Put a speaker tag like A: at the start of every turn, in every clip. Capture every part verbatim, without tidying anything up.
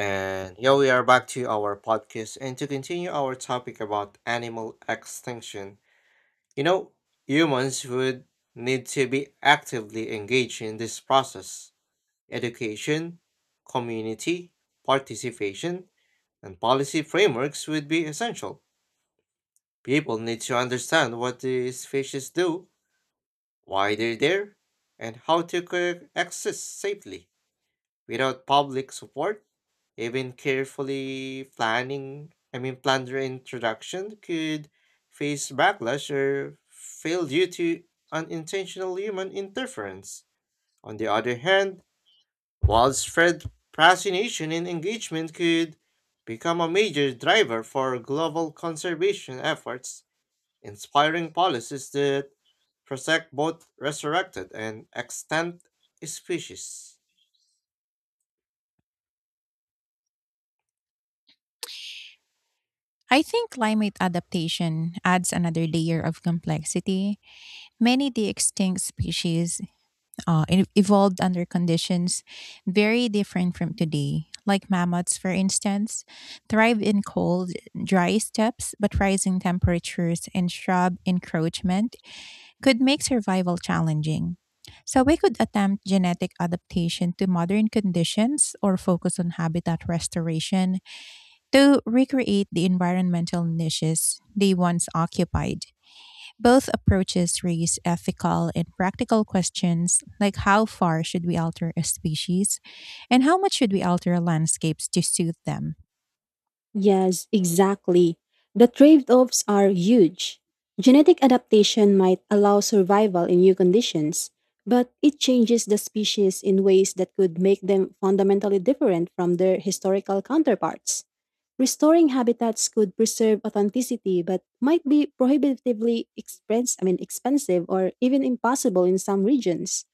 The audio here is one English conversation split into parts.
A: And here we are back to our podcast and to continue our topic about animal extinction. You know, humans would need to be actively engaged in this process. Education, community, participation, and policy frameworks would be essential. People need to understand what these species do, why they're there, and how to coexist safely. Without public support, even carefully planning, I mean, planned reintroduction could face backlash or fail due to unintentional human interference. On the other hand, widespread fascination and engagement could become a major driver for global conservation efforts, inspiring policies that protect both resurrected and extant species.
B: I think climate adaptation adds another layer of complexity. Many of the extinct species uh, e- evolved under conditions very different from today. Like mammoths, for instance, thrive in cold, dry steppes, but rising temperatures and shrub encroachment could make survival challenging. So, we could attempt genetic adaptation to modern conditions or focus on habitat restoration to recreate the environmental niches they once occupied. Both approaches raise ethical and practical questions like how far should we alter a species and how much should we alter landscapes to suit them.
C: Yes, exactly. The trade offs are huge. Genetic adaptation might allow survival in new conditions, but it changes the species in ways that could make them fundamentally different from their historical counterparts. Restoring habitats could preserve authenticity but might be prohibitively expense, I mean, expensive or even impossible in some regions.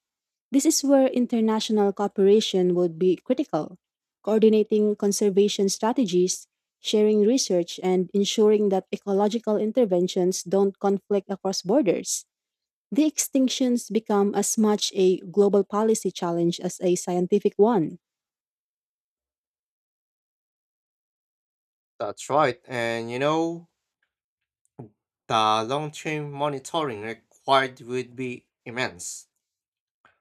C: This is where international cooperation would be critical, coordinating conservation strategies, sharing research, and ensuring that ecological interventions don't conflict across borders. The extinctions become as much a global policy challenge as a scientific one.
A: That's right, and you know, the long term monitoring required would be immense.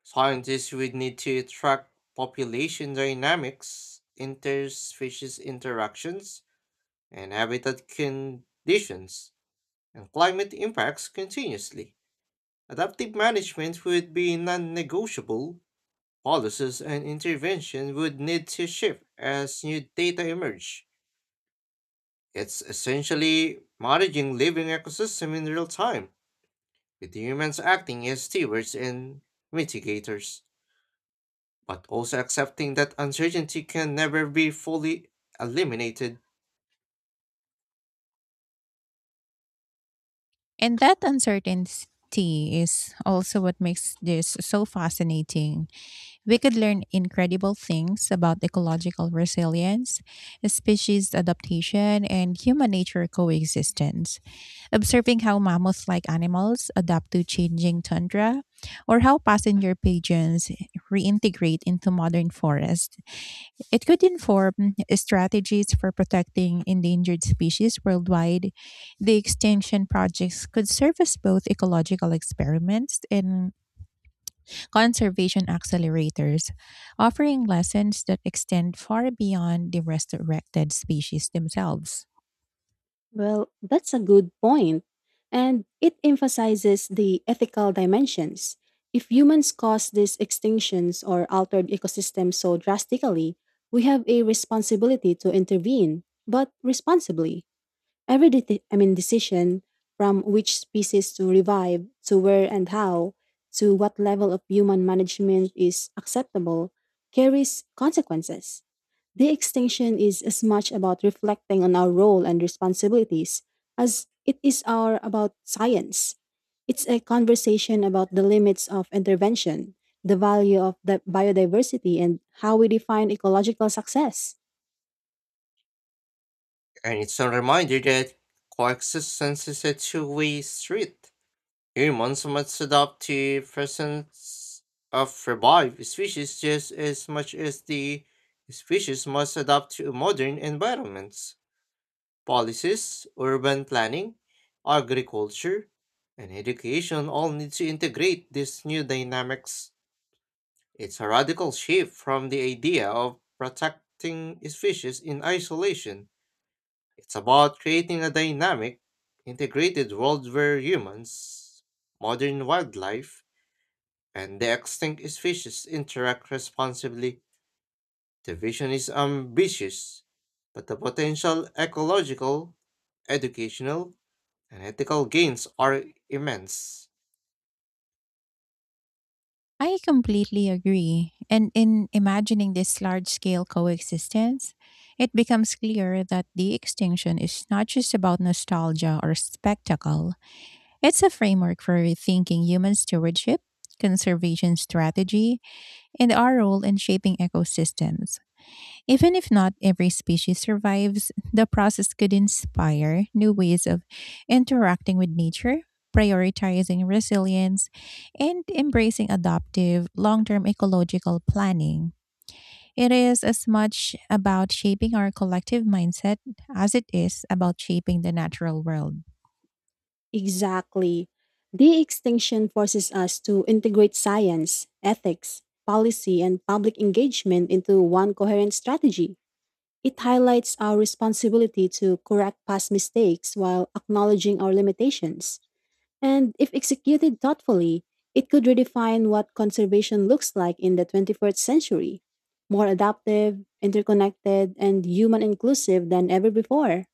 A: Scientists would need to track population dynamics, interspecies interactions, and habitat conditions, and climate impacts continuously. Adaptive management would be non negotiable. Policies and intervention would need to shift as new data emerge. It's essentially managing living ecosystem in real time, with humans acting as stewards and mitigators, but also accepting that uncertainty can never be fully eliminated.
B: And that uncertainty is also what makes this so fascinating. We could learn incredible things about ecological resilience, species adaptation, and human nature coexistence. Observing how mammoth like animals adapt to changing tundra or how passenger pigeons reintegrate into modern forests. It could inform strategies for protecting endangered species worldwide. The extinction projects could serve as both ecological experiments and conservation accelerators, offering lessons that extend far beyond the resurrected species themselves.
C: Well, that's a good point, and it emphasizes the ethical dimensions. If humans cause these extinctions or altered ecosystems so drastically, we have a responsibility to intervene, but responsibly. Every de- I mean decision from which species to revive, to where and how, to what level of human management is acceptable carries consequences. The extinction is as much about reflecting on our role and responsibilities as it is our about science. It's a conversation about the limits of intervention, the value of the biodiversity, and how we define ecological success.
A: And it's a reminder that coexistence is a two way street. Humans must adapt to presence of revived species just as much as the species must adapt to modern environments. Policies, urban planning, agriculture, and education all need to integrate these new dynamics. It's a radical shift from the idea of protecting species in isolation. It's about creating a dynamic, integrated world where humans, modern wildlife, and the extinct species interact responsibly. The vision is ambitious, but the potential ecological, educational, and ethical gains are immense.
B: I completely agree. And in imagining this large scale coexistence, it becomes clear that the extinction is not just about nostalgia or spectacle. It's a framework for rethinking human stewardship, conservation strategy, and our role in shaping ecosystems. Even if not every species survives, the process could inspire new ways of interacting with nature, prioritizing resilience, and embracing adaptive long term ecological planning. It is as much about shaping our collective mindset as it is about shaping the natural world.
C: Exactly. De extinction forces us to integrate science, ethics, policy, and public engagement into one coherent strategy. It highlights our responsibility to correct past mistakes while acknowledging our limitations. And if executed thoughtfully, it could redefine what conservation looks like in the twenty-first century, more adaptive, interconnected, and human inclusive than ever before.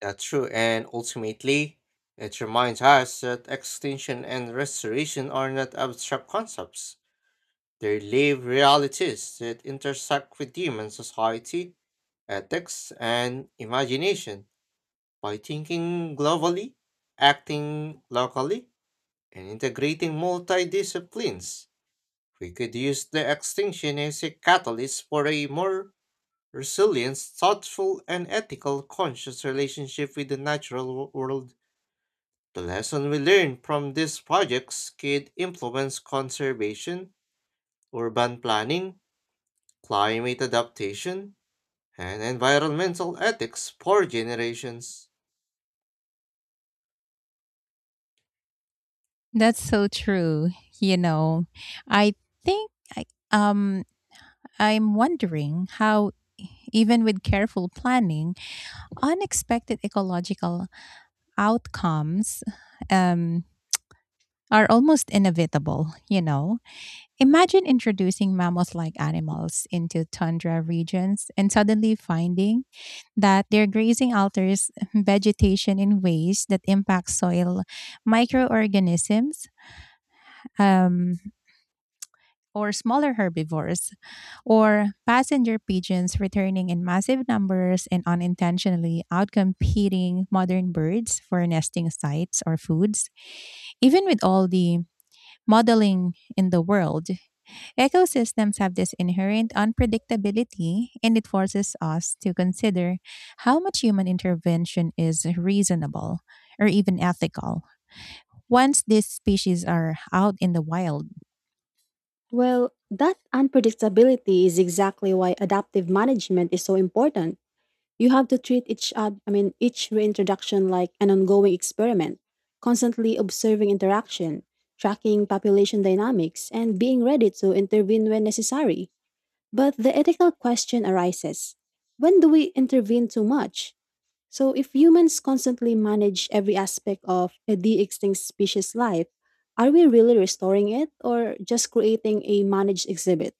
A: That's true, and ultimately, it reminds us that extinction and restoration are not abstract concepts. They live realities that intersect with human society, ethics, and imagination. By thinking globally, acting locally, and integrating multidisciplines, we could use the extinction as a catalyst for a more resilience, thoughtful, and ethical conscious relationship with the natural wo- world. The lesson we learn from these projects could influence conservation, urban planning, climate adaptation, and environmental ethics for generations.
B: That's so true. You know, I think I, um, I'm wondering how, even with careful planning, unexpected ecological outcomes um, are almost inevitable, you know. Imagine introducing mammoth like animals into tundra regions and suddenly finding that their grazing alters vegetation in ways that impact soil microorganisms, um, or smaller herbivores, or passenger pigeons returning in massive numbers and unintentionally outcompeting modern birds for nesting sites or foods. Even with all the modeling in the world, ecosystems have this inherent unpredictability, and it forces us to consider how much human intervention is reasonable or even ethical. Once these species are out in the wild,
C: Well, that unpredictability is exactly why adaptive management is so important. You have to treat each ad, I mean each reintroduction like an ongoing experiment, constantly observing interaction, tracking population dynamics, and being ready to intervene when necessary. But the ethical question arises. When do we intervene too much? So if humans constantly manage every aspect of a de-extinct species life, are we really restoring it or just creating a managed exhibit?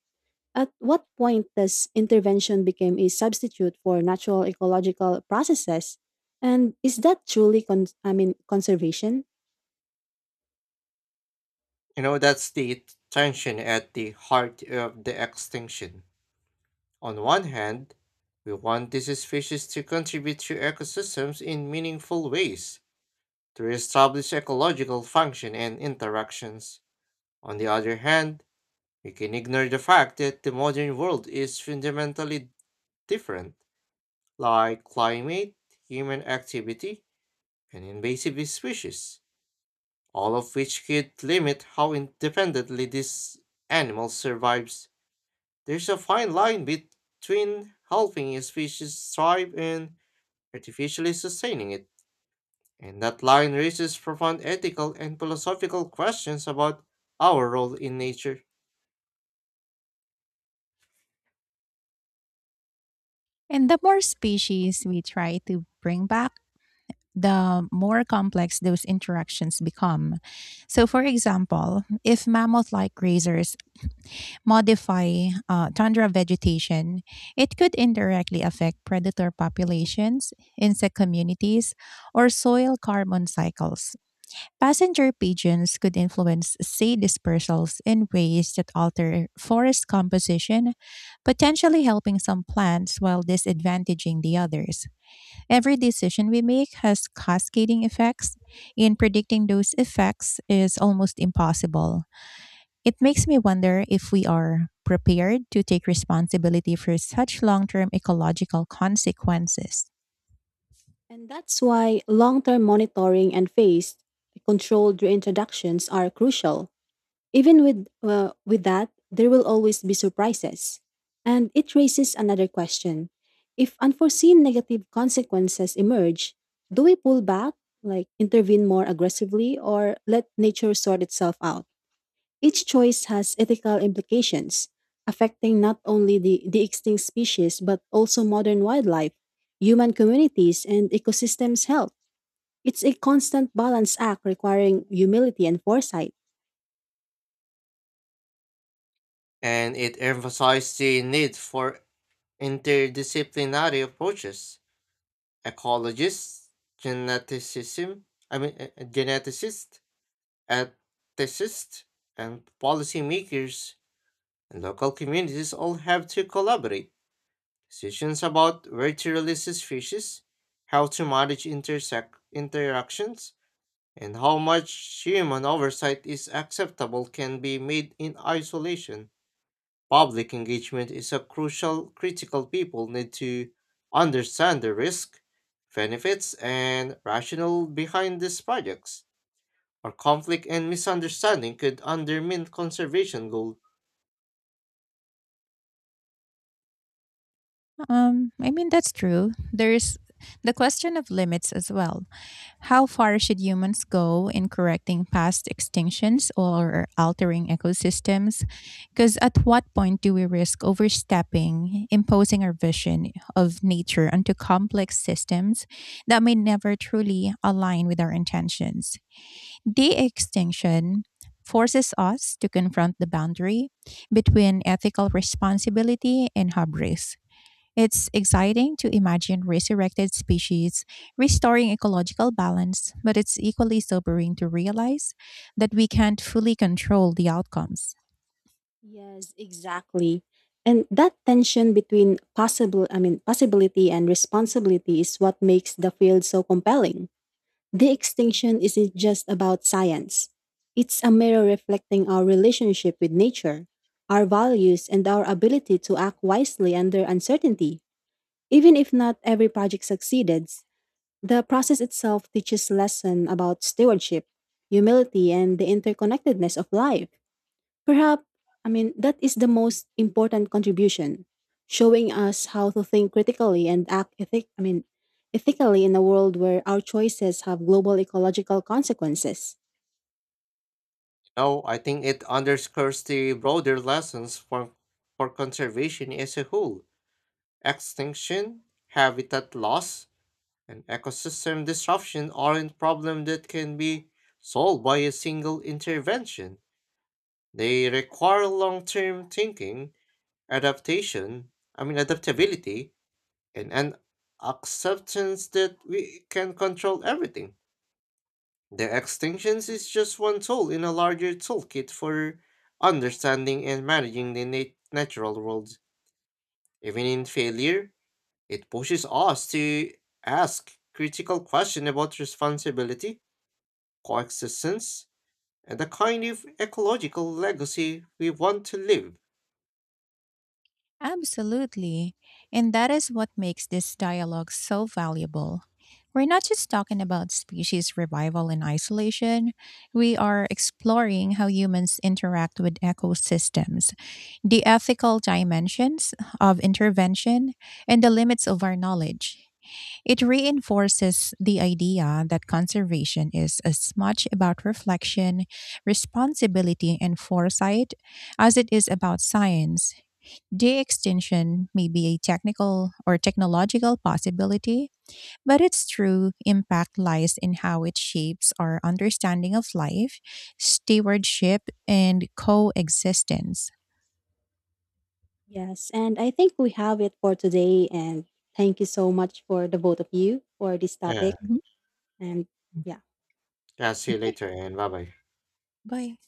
C: At what point does intervention become a substitute for natural ecological processes? And is that truly con- I mean conservation?
A: You know, that's the tension at the heart of the extinction. On one hand, we want these species to contribute to ecosystems in meaningful ways, to establish ecological function and interactions. On the other hand, we can ignore the fact that the modern world is fundamentally different, like climate, human activity, and invasive species, all of which could limit how independently this animal survives. There's a fine line between helping a species thrive and artificially sustaining it. And that line raises profound ethical and philosophical questions about our role in nature.
B: and the more species we try to bring back, the more complex those interactions become. So, for example, if mammoth like grazers modify uh, tundra vegetation, it could indirectly affect predator populations, insect communities, or soil carbon cycles. Passenger pigeons could influence seed dispersals in ways that alter forest composition, potentially helping some plants while disadvantaging the others. Every decision we make has cascading effects, and predicting those effects is almost impossible. It makes me wonder if we are prepared to take responsibility for such long term ecological consequences.
C: And that's why long-term monitoring and phased controlled reintroductions are crucial. Even with uh, with that, there will always be surprises. And it raises another question. If unforeseen negative consequences emerge, do we pull back, like intervene more aggressively or let nature sort itself out? Each choice has ethical implications, affecting not only the, the extinct species but also modern wildlife, human communities, and ecosystems' health. It's a constant balance act requiring humility and foresight.
A: And it emphasized the need for interdisciplinary approaches. Ecologists, geneticism, I mean, uh, uh, geneticists, ethicists, and policymakers and local communities all have to collaborate. Decisions about where to release species, how to manage intersect interactions, and how much human oversight is acceptable can be made in isolation. Public engagement is a crucial critical people need to understand the risk, benefits, and rationale behind these projects. Or conflict and misunderstanding could undermine conservation goals.
B: Um, I mean, that's true. There's the question of limits as well. How far should humans go in correcting past extinctions or altering ecosystems? Because at what point do we risk overstepping, imposing our vision of nature onto complex systems that may never truly align with our intentions? De extinction forces us to confront the boundary between ethical responsibility and hubris. It's exciting to imagine resurrected species restoring ecological balance, but it's equally sobering to realize that we can't fully control the outcomes.
C: Yes, exactly. And that tension between possible I mean possibility and responsibility is what makes the field so compelling. The extinction isn't just about science. It's a mirror reflecting our relationship with nature, our values, and our ability to act wisely under uncertainty. Even if not every project succeeded, the process itself teaches lessons about stewardship, humility, and the interconnectedness of life. Perhaps, I mean, that is the most important contribution, showing us how to think critically and act ethic, I mean, ethically in a world where our choices have global ecological consequences.
A: No, I think it underscores the broader lessons for, for conservation as a whole. Extinction, habitat loss, and ecosystem disruption aren't problems that can be solved by a single intervention. They require long-term thinking, adaptation, I mean adaptability, and an acceptance that we can control everything. The extinctions is just one tool in a larger toolkit for understanding and managing the nat- natural world. Even in failure, it pushes us to ask critical questions about responsibility coexistence, and the kind of ecological legacy we want to leave.
B: Absolutely. And that is what makes this dialogue so valuable. We're not just talking about species revival in isolation, we are exploring how humans interact with ecosystems, the ethical dimensions of intervention, and the limits of our knowledge. It reinforces the idea that conservation is as much about reflection, responsibility, and foresight as it is about science. De extension may be a technical or technological possibility, but its true impact lies in how it shapes our understanding of life, stewardship, and coexistence.
C: Yes, and I think we have it for today, and thank you so much for the both of you for this
A: Uh,
C: topic,
B: Mhm.
C: and yeah.
A: yeah, see you
B: Okay,
A: later and bye bye.
B: bye.